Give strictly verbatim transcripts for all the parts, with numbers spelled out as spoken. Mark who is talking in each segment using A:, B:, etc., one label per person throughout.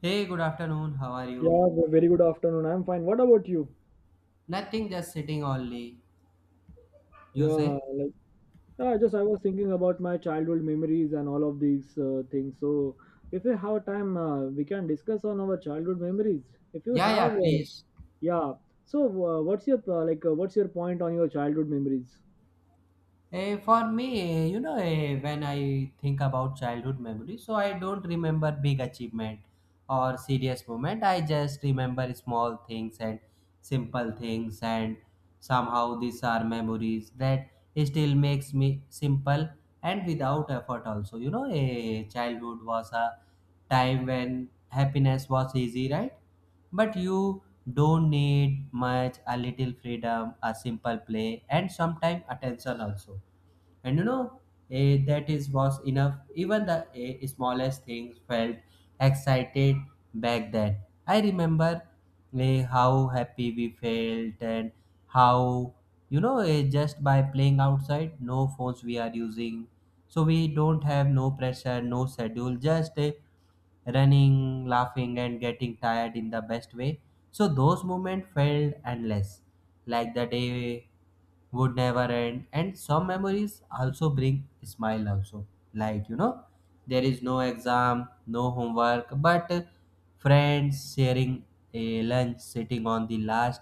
A: Hey, good afternoon. How are you?
B: Yeah, ve- very good afternoon. I'm fine. What about you?
A: Nothing, just sitting only. You
B: Yeah,
A: say?
B: like yeah, just I was thinking about my childhood memories and all of these uh, things. So if we have time, uh, we can discuss on our childhood memories. If you
A: Yeah, yeah,
B: have, uh,
A: please.
B: yeah. So uh, what's your uh, like? Uh, what's your point on your childhood memories?
A: Eh, for me, eh, you know, eh, when I think about childhood memories, so I don't remember big achievement or serious moment. I just remember small things and simple things, and somehow these are memories that still makes me simple and without effort. Also, you know, a childhood was a time when happiness was easy, right? But you don't need much, a little freedom, a simple play, and sometimes attention also, and you know eh, that is was enough. Even the eh, smallest things felt excited back then. I remember eh, how happy we felt and how, you know, eh, just by playing outside, no phones we are using, so we don't have no pressure, no schedule, just eh, running, laughing, and getting tired in the best way. So those moments felt endless, like the day would never end. And some memories also bring smile also, like, you know, there is no exam, no homework, but friends sharing a lunch, sitting on the last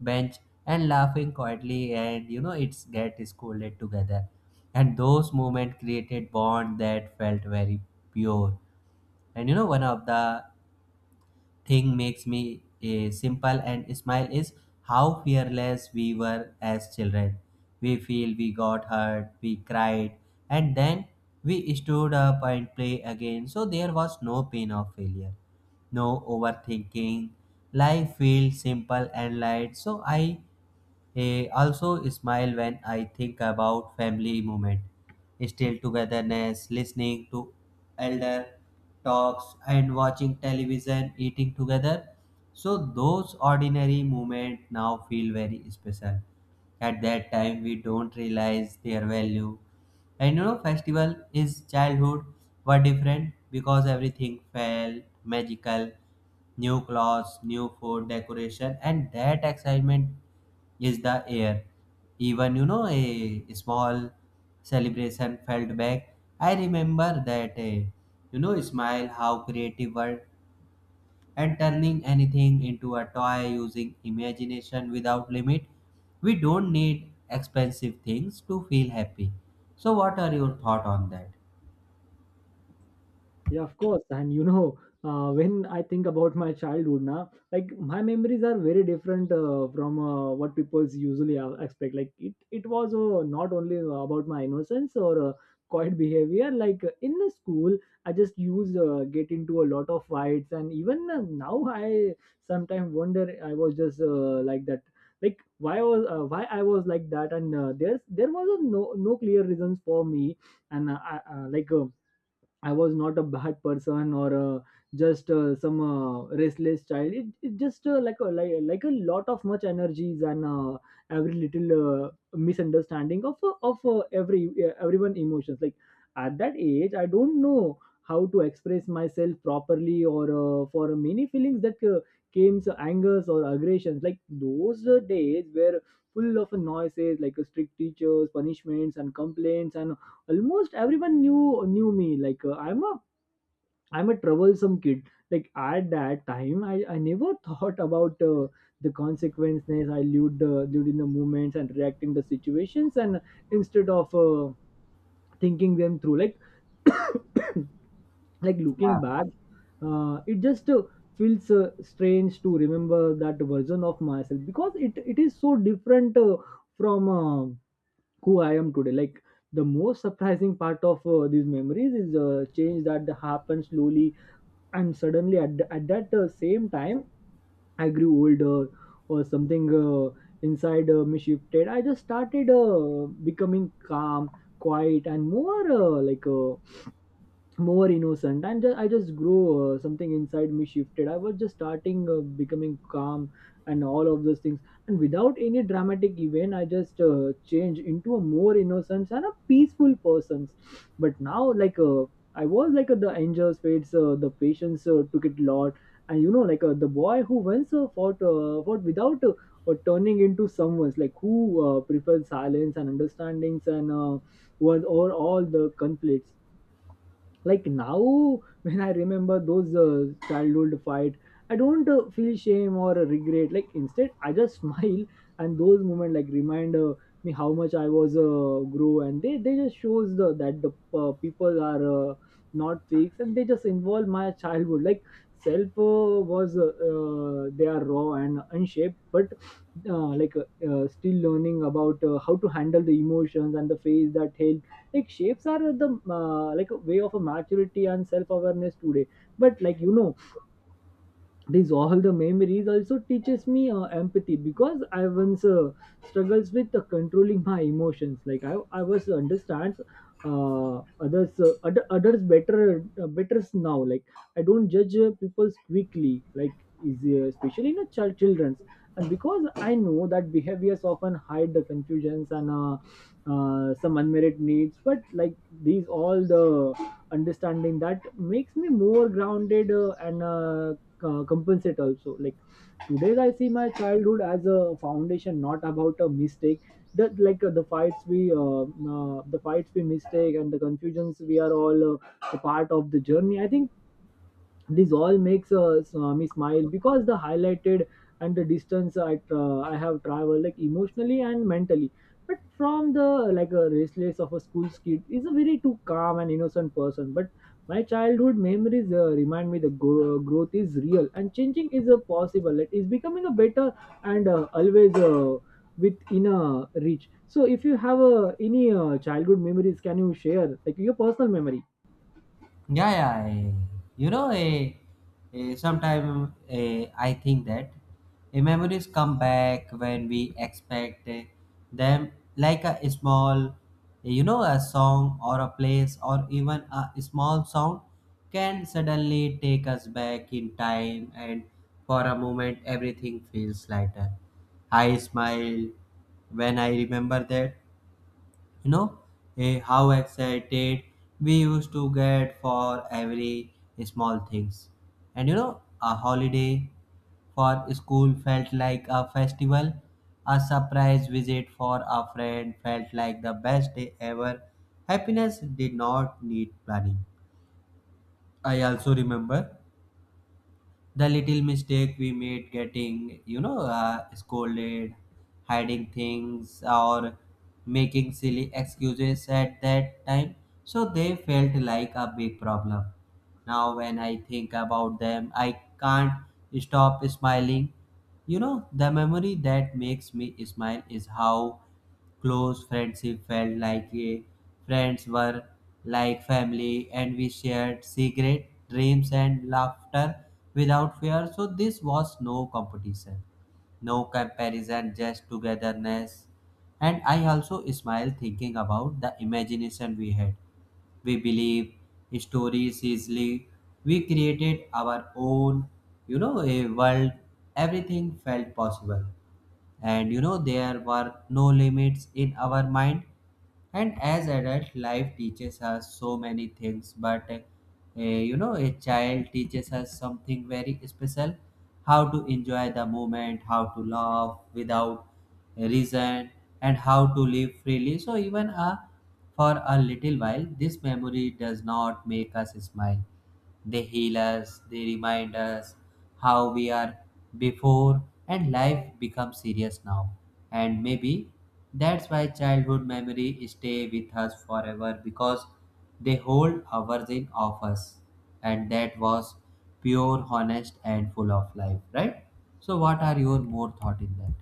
A: bench and laughing quietly, and you know, it's get scolded together. And those moments created bond that felt very pure. And you know, one of the thing makes me eh, simple and smile is how fearless we were as children. We feel we got hurt, we cried, and then we stood up and play again. So there was no pain of failure, no overthinking. Life feels simple and light. So I, eh, also smile when I think about family moment. Still togetherness, listening to elder talks and watching television, eating together. So those ordinary moments now feel very special. At that time we don't realize their value. And you know, festival is childhood were different because everything felt magical. New clothes, new food, decoration, and that excitement is the air. Even you know, a small celebration felt back. I remember that, uh, you know, smile how creative world and turning anything into a toy using imagination without limit. We don't need expensive things to feel happy. So, what are your thoughts on that?
B: Yeah, of course. And you know, uh, when I think about my childhood now, like my memories are very different uh, from uh, what people usually uh, expect. Like it, it was uh, not only about my innocence or uh, quiet behavior. Like in the school, I just used uh, get into a lot of fights, and even uh, now I sometimes wonder I was just uh, like that. Like why was uh, why I was like that, and uh, there's there was a no no clear reasons for me, and uh, I, uh, like. Uh, I was not a bad person or uh, just uh, some uh, restless child. It, it just uh, like a like, like a lot of much energies and uh, every little uh, misunderstanding of uh, of uh, every uh, everyone emotions. Like at that age, I don't know how to express myself properly or uh, for many feelings that uh, came so angers or aggressions. Like those uh, days were full of noises, like uh, strict teachers, punishments, and complaints, and almost everyone knew knew me, like uh, i'm a i'm a troublesome kid. Like at that time, i, I never thought about uh, the consequences. I lived uh, lived in the moments and reacting the situations, and instead of uh, thinking them through, like like
A: Yeah.
B: looking back, uh, it just uh, feels uh, strange to remember that version of myself because it, it is so different uh, from uh, who I am today. Like the most surprising part of uh, these memories is a change that happens slowly and suddenly at, the- at that uh, same time I grew older or something uh, inside uh, me shifted. I just started uh, becoming calm, quiet, and more uh, like uh, more innocent, and ju- I just grow uh, something inside me shifted. I was just starting uh, becoming calm and all of those things, and without any dramatic event I just uh, changed into a more innocent and a peaceful person. But now, like uh, I was like uh, the angels fates, uh, the patients uh, took it lot. And you know like uh, the boy who once uh, fought uh, fought without uh, uh, turning into someone's like who uh, prefers silence and understandings, and uh, was over all the conflicts. Like now when I remember those uh, childhood fight, I don't uh, feel shame or regret, like instead I just smile. And those moments, like, remind uh, me how much I was uh, grow, and they they just shows the that the uh, people are uh, not fakes, and they just involve my childhood, like self uh, was uh, uh, they are raw and unshaped, but uh, like uh, uh, still learning about uh, how to handle the emotions and the phase that hell, like shapes are the uh, like a way of a maturity and self awareness today. But like, you know these all the memories also teaches me uh, empathy because I once uh, struggles with uh, controlling my emotions, like i, I was understands uh, others uh, other, others better uh, better now. Like I don't judge uh, people quickly, like easy, especially in a child children's. And because I know that behaviors often hide the confusions and uh, uh, some unmet needs, but like these all the understanding that makes me more grounded uh, and uh, uh, compensate also. Like today I see my childhood as a foundation, not about a mistake that, like uh, the fights we uh, uh, the fights we mistake and the confusions we are all uh, a part of the journey, I think. This all makes uh, s- uh, me smile because the highlighted and the distance I, tra- I have traveled, like emotionally and mentally. But from the, like, a restless of a school kid is a very too calm and innocent person. But my childhood memories uh, remind me the gro- growth is real and changing is uh, possible. It is becoming a better, and uh, always uh, with inner reach. So if you have uh, any uh, childhood memories, can you share like your personal memory?
A: Yeah, yeah. eh, You know. Eh. Eh. Sometimes eh, I think that eh, memories come back when we expect eh, them, like a small, eh, you know, a song or a place or even a small sound can suddenly take us back in time, and for a moment everything feels lighter. I smile when I remember that, you know, eh, how excited we used to get for every small things. And you know, a holiday for school felt like a festival. A surprise visit for a friend felt like the best day ever. Happiness did not need planning. I also remember the little mistake we made, getting you know uh, scolded, hiding things or making silly excuses at that time. So they felt like a big problem. Now, when I think about them, I can't stop smiling. You know, the memory that makes me smile is how close friendship felt. Like, a friends were like family and we shared secret dreams and laughter without fear, so this was no competition, no comparison, just togetherness. And I also smile thinking about the imagination we had. We believe stories easily, we created our own, you know, a world. Everything felt possible, and you know, there were no limits in our mind. And as adult life teaches us so many things, but uh, you know, a child teaches us something very special: how to enjoy the moment, how to laugh without reason, and how to live freely. So even uh, for a little while this memory does not make us smile, they heal us, they remind us how we are before, and life becomes serious now. And maybe that's why childhood memory stay with us forever, because they hold hours in of us. And that was pure, honest, and full of life, right? So, what are your more thought in that?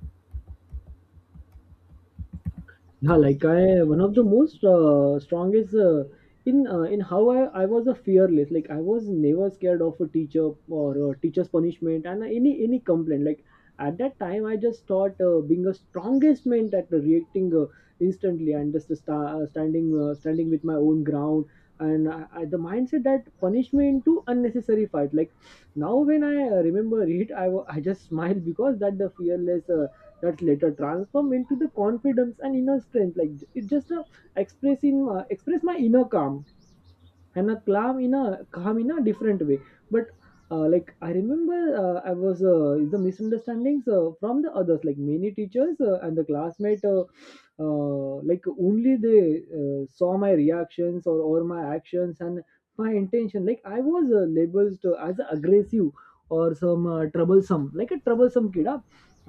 B: Yeah, like I, one of the most uh, strongest uh, in uh, in how I, I was a fearless. Like I was never scared of a teacher or a teacher's punishment and any any complaint. Like at that time, I just thought uh, being a strongest meant at reacting uh, instantly, and just uh, sta- uh, standing uh, standing with my own ground. And I, I, the mindset that punishment to unnecessary fight. Like now, when I uh, remember it, I wa- I just smile because that the fearless uh, that later transform into the confidence and inner strength, like it just uh, expressing uh, express my inner calm and a calm in a calm in a different way. But uh, like I remember uh, I was uh, the misunderstandings uh, from the others, like many teachers uh, and the classmate, uh, uh, like only they uh, saw my reactions or, or my actions and my intention. Like I was uh, labeled uh, as aggressive or some uh, troublesome, like a troublesome kid, huh?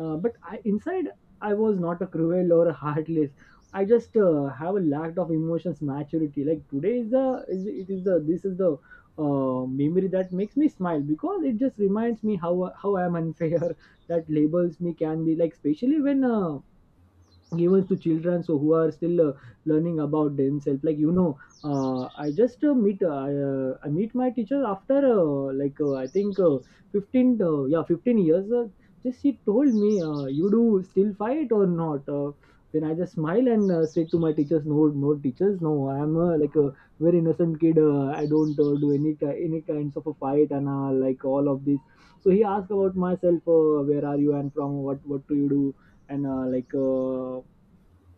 B: uh, But I inside I was not a cruel or a heartless. I just uh, have a lack of emotions maturity. Like today is the is it is the this is the uh, memory that makes me smile because it just reminds me how how I am unfair that labels me can be, like, especially when uh, given to children so who are still uh, learning about themselves, like, you know, uh, i just uh, meet uh, I, uh, I meet my teacher after uh, like uh, I think uh, fifteen, uh, yeah, fifteen years. Uh, just she told me, uh, you do still fight or not? Uh, then I just smile and uh, said to my teachers, no, no teachers, no, I am uh, like a very innocent kid, uh, I don't uh, do any ki- any kinds of a fight. And uh, like all of this. So he asked about myself, uh, where are you and from what what do you do, and uh, like uh,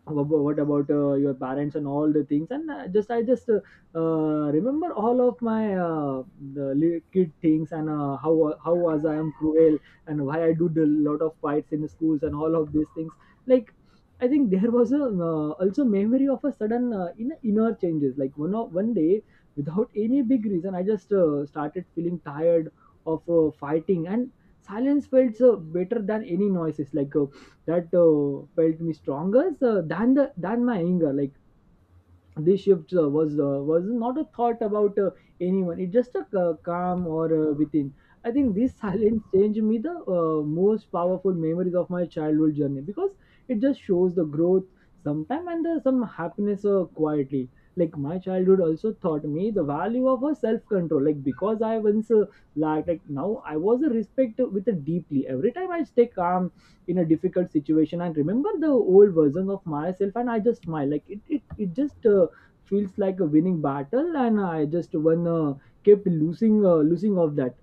B: wha- what about uh, your parents and all the things. And uh, just I just uh, uh, remember all of my uh, the li- kid things, and uh, how how was I am cruel, and why I do the lot of fights in schools and all of these things, like I think there was a uh, also memory of a sudden uh, in inner changes. Like one of, one day without any big reason I just uh, started feeling tired of uh, fighting, and silence felt uh, better than any noises, like uh, that uh, felt me stronger uh, than the than my anger, like this shift uh, was uh, was not a thought about uh, anyone. It's just a ca- calm or uh, within. I think this silence changed me, the uh, most powerful memories of my childhood journey because it just shows the growth sometime, and the, some happiness uh, quietly. Like my childhood also taught me the value of a self control, like because I once uh, lacked, like now I was a respect with a deeply, every time I stay calm in a difficult situation and remember the old version of myself, and I just smile like it it, it just uh, feels like a winning battle, and I just one uh, kept losing uh, losing of that.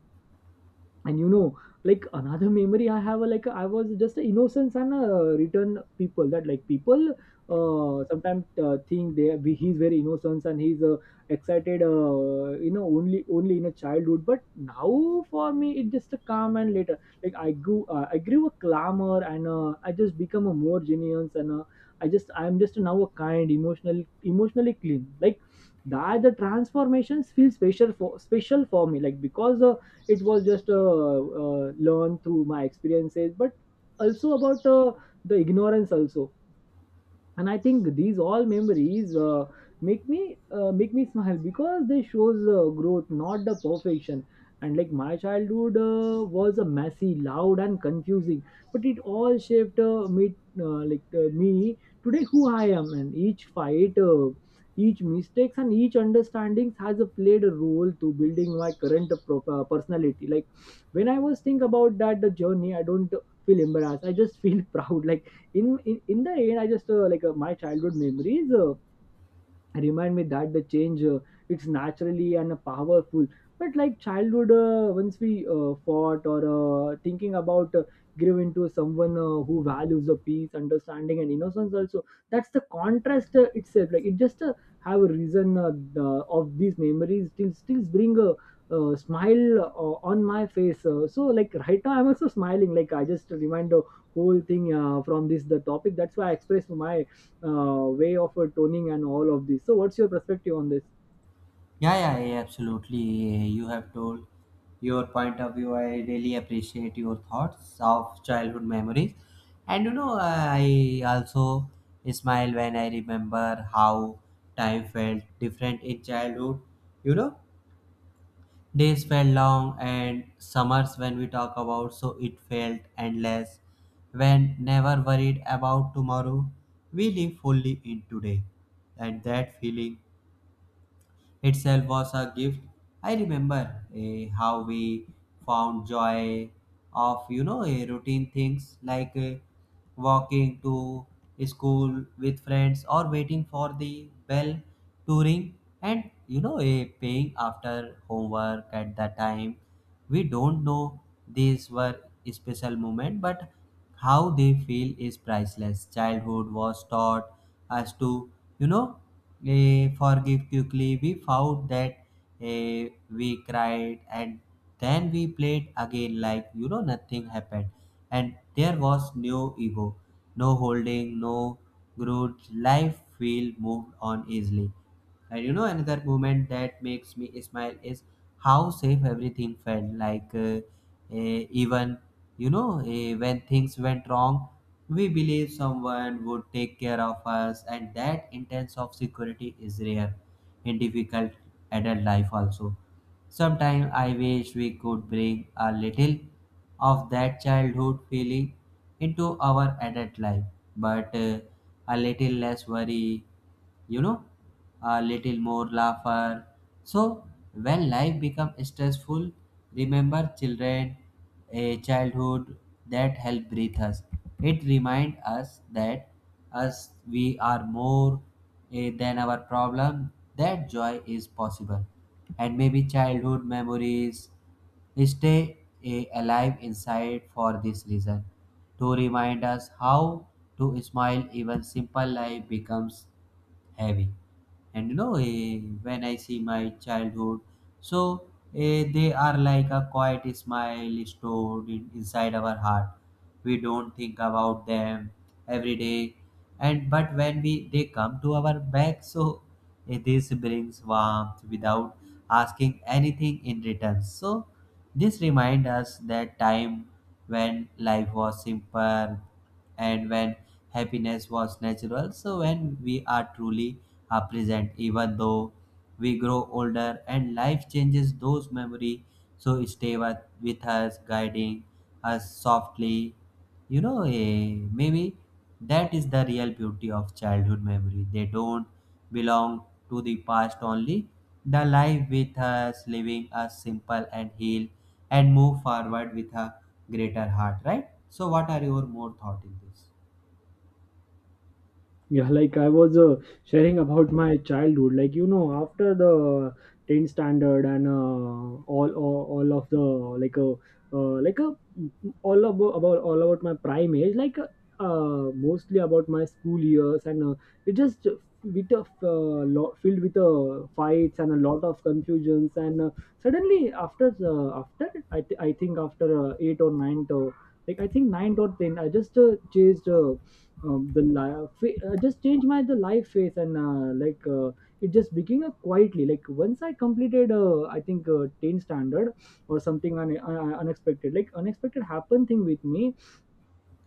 B: And you know like another memory I have, uh, like I was just an innocence and uh, return people that, like people uh sometimes uh, think they we- he's very innocent, and he's uh, excited, uh, you know only only in a childhood. But now for me it just a calm, and later like i grew uh, I grew a clamor, and uh, I just become a more genius, and uh, i just I'm just now a kind emotional emotionally clean, like that the transformations feel special for special for me, like because uh, it was just uh, uh, learned through my experiences, but also about uh, the ignorance also. And I think these all memories uh, make me uh, make me smile because they shows uh, growth, not the perfection. And like my childhood uh, was a messy loud and confusing, but it all shaped uh, me uh, like uh, me today, who I am. And each fight, uh, each mistakes and each understandings has uh, played a role to building my current pro- uh, personality. Like when i was think about that the journey I don't feel embarrassed, I just feel proud. Like in in, in the end, I just uh, like uh, my childhood memories uh, remind me that the change, uh, it's naturally and powerful. But like childhood, uh, once we uh, fought or uh, thinking about, uh, grew into someone uh, who values the peace, understanding, and innocence also. That's the contrast uh, itself. Like it just uh, have a reason uh, the, of these memories still still bring a, uh smile uh, on my face. Uh, so like right now I'm also smiling, like I just remind the whole thing uh, from this the topic. That's why I express my uh, way of uh, toning and all of this. So, what's your perspective on this?
A: Yeah, yeah, yeah, absolutely. You have told your point of view. I really appreciate your thoughts of childhood memories. And you know, I also smile when I remember how time felt different in childhood. You know, days felt long, and summers when we talk about, so it felt endless. When never worried about tomorrow, we live fully in today. And that feeling itself was a gift. I remember eh, how we found joy of, you know, eh, routine things like eh, walking to school with friends or waiting for the bell to ring, and you know, eh, paying after homework at that time. We don't know these were special moment, but how they feel is priceless. Childhood was taught us to, you know, Eh, forgive quickly. We found that, eh, we cried and then we played again like, you know, nothing happened. And there was no ego, no holding, no grudge. Life feel moved on easily. And you know another moment that makes me smile is how safe everything felt. Like, uh, eh, even you know, eh, when things went wrong, we believe someone would take care of us, and that intense of security is rare in difficult adult life also. Sometimes I wish we could bring a little of that childhood feeling into our adult life, but uh, a little less worry, you know, a little more laughter. So when life becomes stressful, remember children, a childhood that helped breathe us. It reminds us that us we are more eh, than our problem, that joy is possible. And maybe childhood memories stay eh, alive inside for this reason, to remind us how to smile even simple life becomes heavy. And you know, eh, when I see my childhood, so eh, they are like a quiet smile stored in, inside our heart. We don't think about them every day, and but when we they come to our back, so eh, this brings warmth without asking anything in return. So this reminds us that time when life was simple and when happiness was natural. So when we are truly are present, even though we grow older and life changes those memory, so stay with, with us, guiding us softly. You know, eh, maybe that is the real beauty of childhood memory. They don't belong to the past only. The life with us, living us simple and heal and move forward with a greater heart, right? So, what are your more thought in this?
B: Yeah, like I was uh, sharing about my childhood. Like you know, after the tenth standard and uh, all, all all of the like a uh, like a all about, about all about my prime age. Like uh, mostly about my school years, and uh, it just with a uh, lot filled with uh, fights and a lot of confusions. And uh, suddenly after uh, after I, th- I think after uh, eight or ninth. Uh, like I think ninth or ten, I just uh, chased uh, um, the life, uh, just changed my the life phase. And uh, like uh, it just became a quietly. Like once I completed uh, I think uh, ten standard or something un- un- unexpected, like unexpected happened thing with me.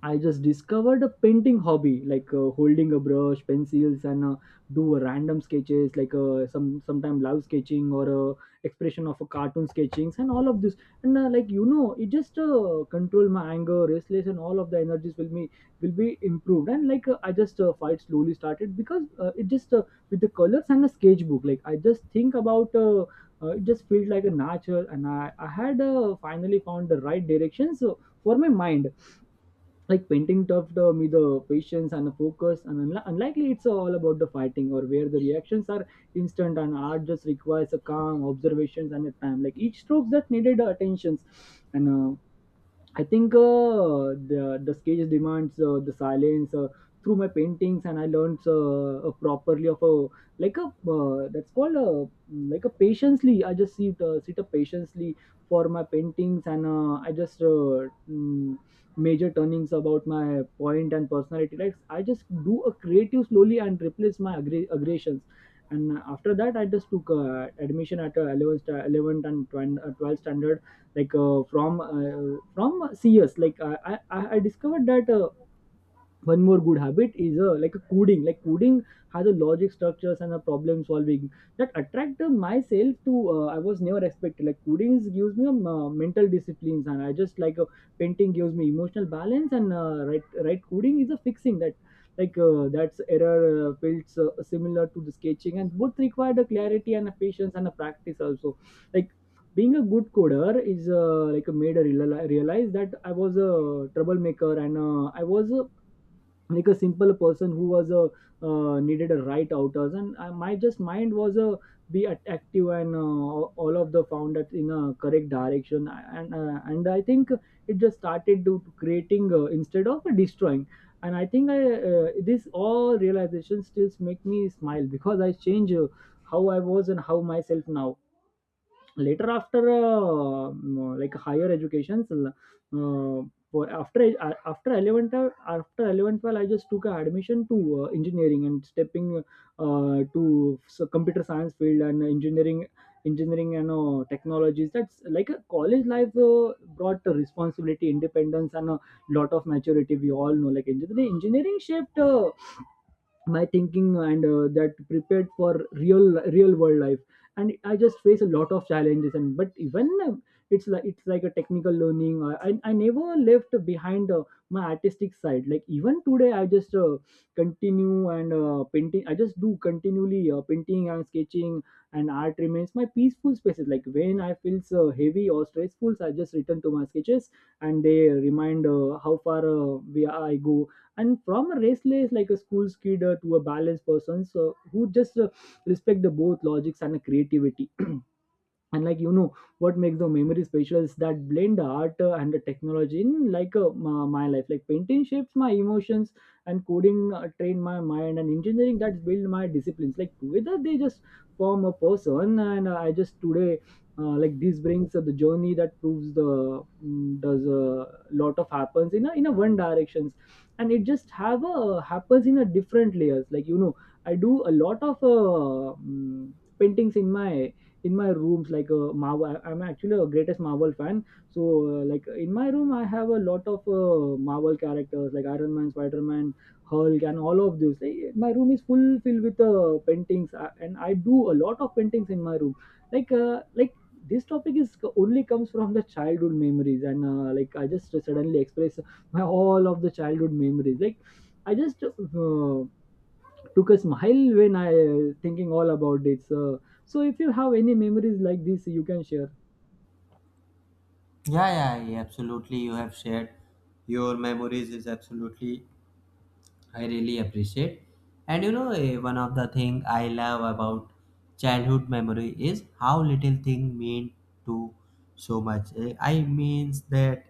B: I just discovered a painting hobby, like uh, holding a brush, pencils, and uh, do a random sketches, like uh, some sometime love sketching or uh, expression of a cartoon sketchings, and all of this. And uh, like you know, it just uh, control my anger, restless, and all of the energies will be will be improved. And like uh, I just uh, fight slowly started because uh, it just uh, with the colors and a sketchbook. Like I just think about. Uh, uh, it just felt like a natural and I, I had uh, finally found the right directions uh, for my mind, like painting tough the with the patience and the focus. And unli- unlikely, it's all about the fighting or where the reactions are instant, and art just requires a calm observations and a time. Like each strokes that needed uh, attentions. And uh, I think uh, the the sketch demands uh, the silence uh, through my paintings, and I learned uh, uh, properly of a like a uh, that's called a like a patiently. I just sit uh, sit up patiently for my paintings, and uh, I just uh, mm, major turnings about my point and personality. Like I just do a creative slowly and replace my aggra- aggressions. And after that, I just took uh, admission at uh, 11th, 11th and twelfth standard, like uh, from uh, from C S. Like I, I I discovered that. Uh, one more good habit is uh, like a coding. Like coding has a logic structures and a problem solving that attract uh, myself to. uh, I was never expected, like coding gives me um, uh, mental disciplines, and I just like uh, painting gives me emotional balance. And uh, right right coding is a fixing that, like uh, that's error uh, fields uh, similar to the sketching, and both require the clarity and a patience and a practice also. Like being a good coder is uh, like a made a reali- realize that I was a troublemaker, and uh, I was a like a simple person who was a uh, needed a right outers. And I, my just mind was a be at- active, and uh, all of the found that in a correct direction. And uh, and I think it just started to to creating uh, instead of destroying. And I think I uh, this all realization still make me smile because I change uh, how I was and how myself now. Later after uh, um, like higher educations, uh, for after uh, after eleventh, uh, after 11th well, I just took a admission to uh, engineering and stepping uh, to so computer science field and engineering engineering and uh, technologies. That's like a college life uh, brought a responsibility, independence, and a lot of maturity. We all know like engineering engineering shaped uh, my thinking, and uh, that prepared for real real world life. And I just face a lot of challenges and, but even uh, it's like it's like a technical learning, i, I, I never left behind uh, my artistic side. Like even today I just uh, continue, and uh, painting I just do continually uh, painting and sketching, and art remains my peaceful spaces. Like when I feel so heavy or stressful, I just return to my sketches, and they remind uh, how far uh, we I go. And from a restless like a school kid uh, to a balanced person, so who just uh, respect the both logics and creativity. And like you know, what makes the memory special is that blend the art uh, and the technology in, like uh, my, my life. Like painting shapes my emotions, and coding uh, train my mind, and engineering that build my disciplines. Like together they just form a person, and uh, I just today uh, like this brings uh, the journey that proves the mm, does a lot of happens in a in a one directions. And it just have a happens in a different layers, like you know, I do a lot of uh, mm, paintings in my in my rooms. Like a marvel, I'm actually a greatest marvel fan. So uh, like in my room, I have a lot of uh, Marvel characters like Iron Man, Spider-Man, Hulk, and all of those. Like, my room is full filled with uh, paintings, uh, and I do a lot of paintings in my room. Like uh, like this topic is only comes from the childhood memories. And uh, like I just suddenly express my all of the childhood memories. Like I just uh, took a smile when I uh, thinking all about this. Uh, so if you have any memories like this, you can share.
A: Yeah, yeah, yeah, absolutely. You have shared your memories is absolutely. I really appreciate. And you know, eh, one of the thing I love about childhood memory is how little thing mean to so much. Eh, I means that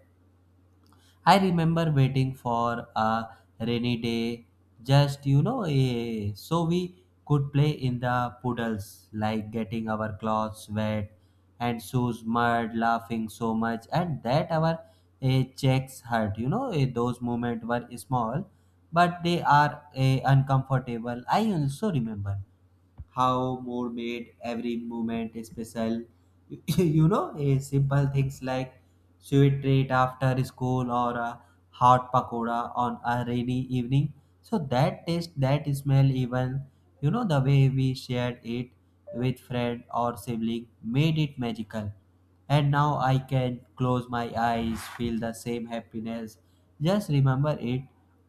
A: I remember waiting for a rainy day, just, you know, eh, so we could play in the puddles, like getting our clothes wet and shoes mud, laughing so much, and that our eh, checks hurt. You know, eh, those moments were small, but they are eh, uncomfortable. I also remember how more made every moment special. You know, eh, simple things like sweet treat after school or a hot pakoda on a rainy evening. So that taste, that smell, even you know the way we shared it with friend or sibling made it magical. And now I can close my eyes, feel the same happiness. Just remember it.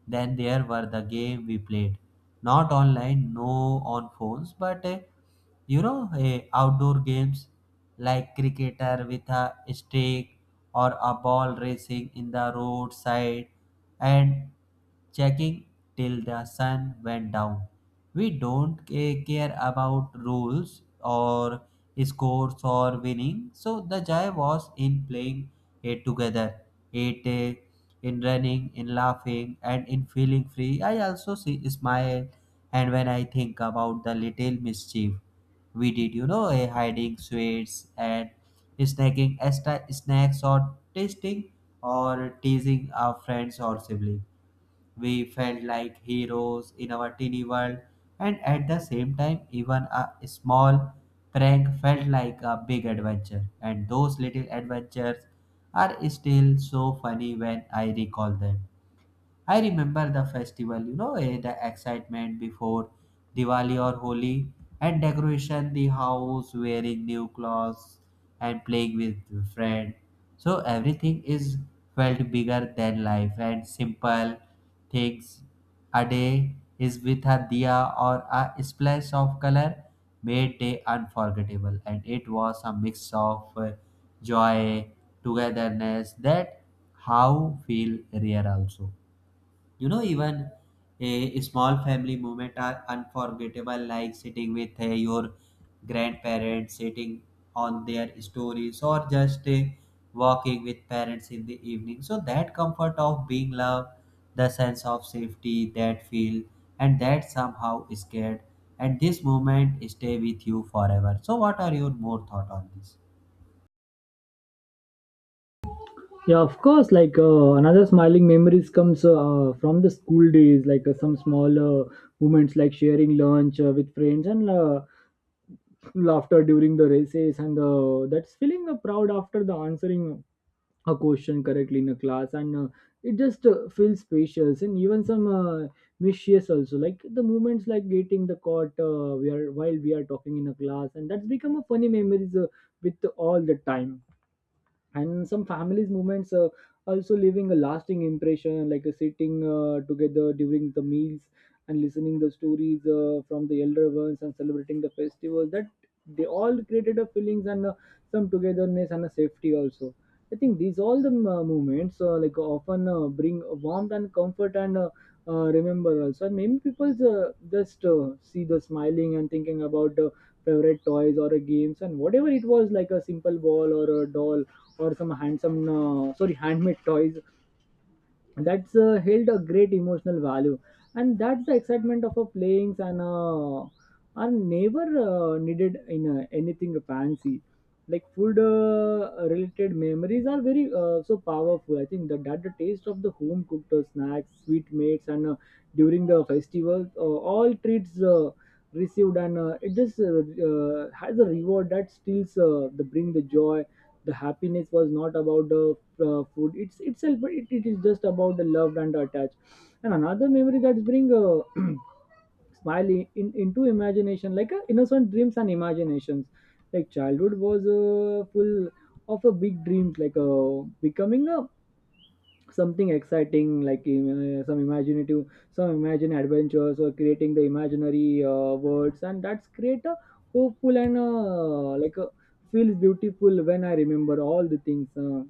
A: Then there were the game we played, not online, no on phones, but uh, you know, uh, outdoor games like cricketer with a stick or a ball, racing in the roadside and checking till the sun went down. We don't ca- care about rules or scores or winning, so the joy was in playing it together. It uh, in running, in laughing, and in feeling free. I also see smile and when I think about the little mischief we did, you know, eh, hiding sweets and snacking extra snacks or tasting or teasing our friends or sibling. We felt like heroes in our teeny world, and at the same time, even a small prank felt like a big adventure. And those little adventures are still so funny when I recall them. I remember the festival, you know, eh, the excitement before Diwali or Holi, and decoration the house, wearing new clothes, and playing with friends. So everything is felt bigger than life, and simple things a day is with a diya or a splash of color made day unforgettable, and it was a mix of eh, joy, togetherness that how feel rare also. You know, even a small family moment are unforgettable, like sitting with uh, your grandparents, sitting on their stories or just uh, walking with parents in the evening. So that comfort of being loved, the sense of safety that feel, and that somehow scared, and this moment stay with you forever. So what are your more thought on this?
B: Yeah, of course. Like uh, another smiling memories comes uh, from the school days, like uh, some small uh, moments, like sharing lunch uh, with friends, and uh, laughter during the races, and uh, that's feeling uh, proud after the answering a question correctly in a class. And uh, it just uh, feels spacious, and even some uh, mischievous also, like the moments like getting the caught uh, we are while we are talking in a class, and that's become a funny memories uh, with all the time. And some families movements uh, also leaving a lasting impression, like uh, sitting uh, together during the meals, and listening the stories uh, from the elder ones, and celebrating the festivals, that they all created a feelings and uh, some togetherness and a safety also. I think these all the uh, movements uh, like often uh, bring warmth and comfort. And uh, uh, remember also, and many people uh, just uh, see the smiling and thinking about uh, favorite toys or uh, games, and whatever it was, like a simple ball or a doll or some handsome uh, sorry handmade toys, that's uh, held a great emotional value. And that's the excitement of a playings, and uh, are never uh, needed in uh, anything fancy. Like food uh, related memories are very uh, so powerful, I think that, that the taste of the home cooked uh, snacks, sweet mates, and uh, during the festival uh, all treats uh, received. And uh, it just uh, uh, has a reward that stills uh, the bring the joy. The happiness was not about the uh, food it's itself, but it, it is just about the love and the attach. And another memory that's bring uh, smile in, in- into imagination, like uh, innocent dreams and imaginations. Like childhood was uh, full of a big dreams, like uh, becoming a something exciting, like uh, some imaginative some imagine adventures, or creating the imaginary uh, words, and that's create a hopeful. And uh, like a feels beautiful when I remember all the things. uh,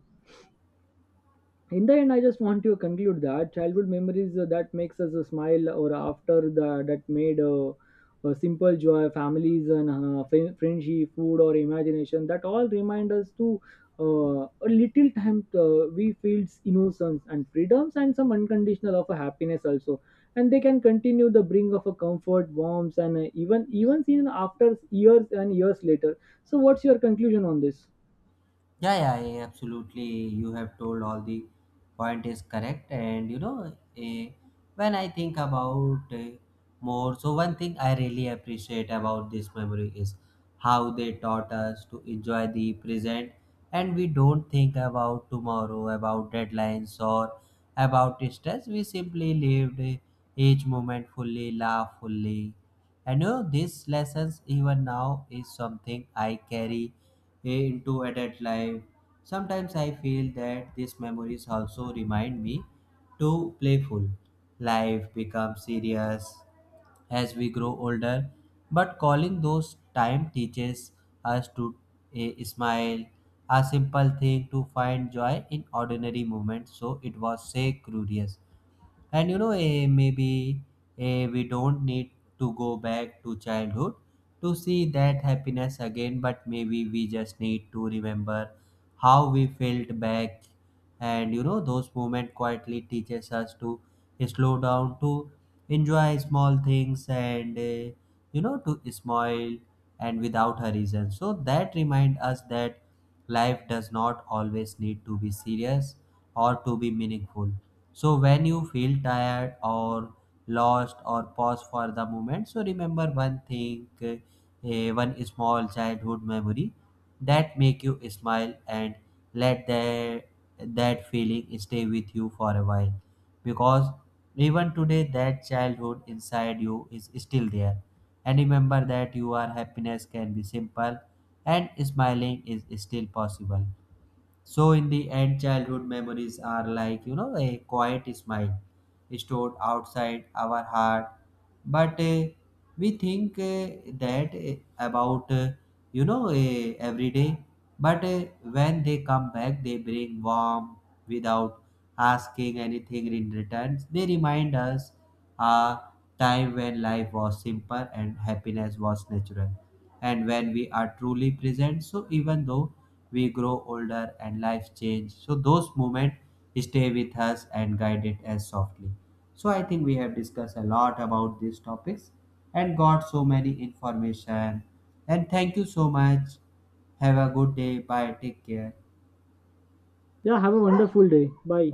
B: In the end, I just want to conclude that childhood memories uh, that makes us a smile, or after the that made uh, a simple joy, families, and uh, fri- friendship, food, or imagination, that all remind us to, uh, a little time uh, we feels innocence and freedoms, and some unconditional of a happiness also. And they can continue the bring of a comfort, warmth, and uh, even even seen after years and years later. So what's your conclusion on this?
A: Yeah, yeah, yeah, absolutely. You have told all the point is correct, and you know, eh, when I think about eh, more, so one thing I really appreciate about this memory is how they taught us to enjoy the present, and we don't think about tomorrow, about deadlines or about stress. We simply lived eh, each moment fully, laugh fully, and you know, these lessons even now is something I carry into adult life. Sometimes I feel that these memories also remind me to playful. Life becomes serious as we grow older, but calling those time teaches us to eh, smile, a simple thing to find joy in ordinary moments. So it was say curious. And you know, eh, maybe eh, we don't need to go back to childhood to see that happiness again, but maybe we just need to remember how we felt back. And you know, those moments quietly teaches us to slow down, to enjoy small things, and eh, you know, to smile and without reason. So that remind us that life does not always need to be serious or to be meaningful. So when you feel tired or lost, or pause for the moment, so remember one thing, uh, one small childhood memory that make you smile, and let that that feeling stay with you for a while, because even today that childhood inside you is still there. And remember that your happiness can be simple and smiling is still possible. So in the end, childhood memories are like, you know, a quiet smile stored outside our heart, but uh, we think uh, that uh, about uh, you know uh, every day. But uh, when they come back, they bring warmth without asking anything in return. They remind us a time when life was simple and happiness was natural, and when we are truly present, so even though we grow older and life change, so those moments stay with us and guide it as softly. So I think we have discussed a lot about these topics and got so many information. And thank you so much. Have a good day. Bye, take care.
B: Yeah, have a wonderful day, bye.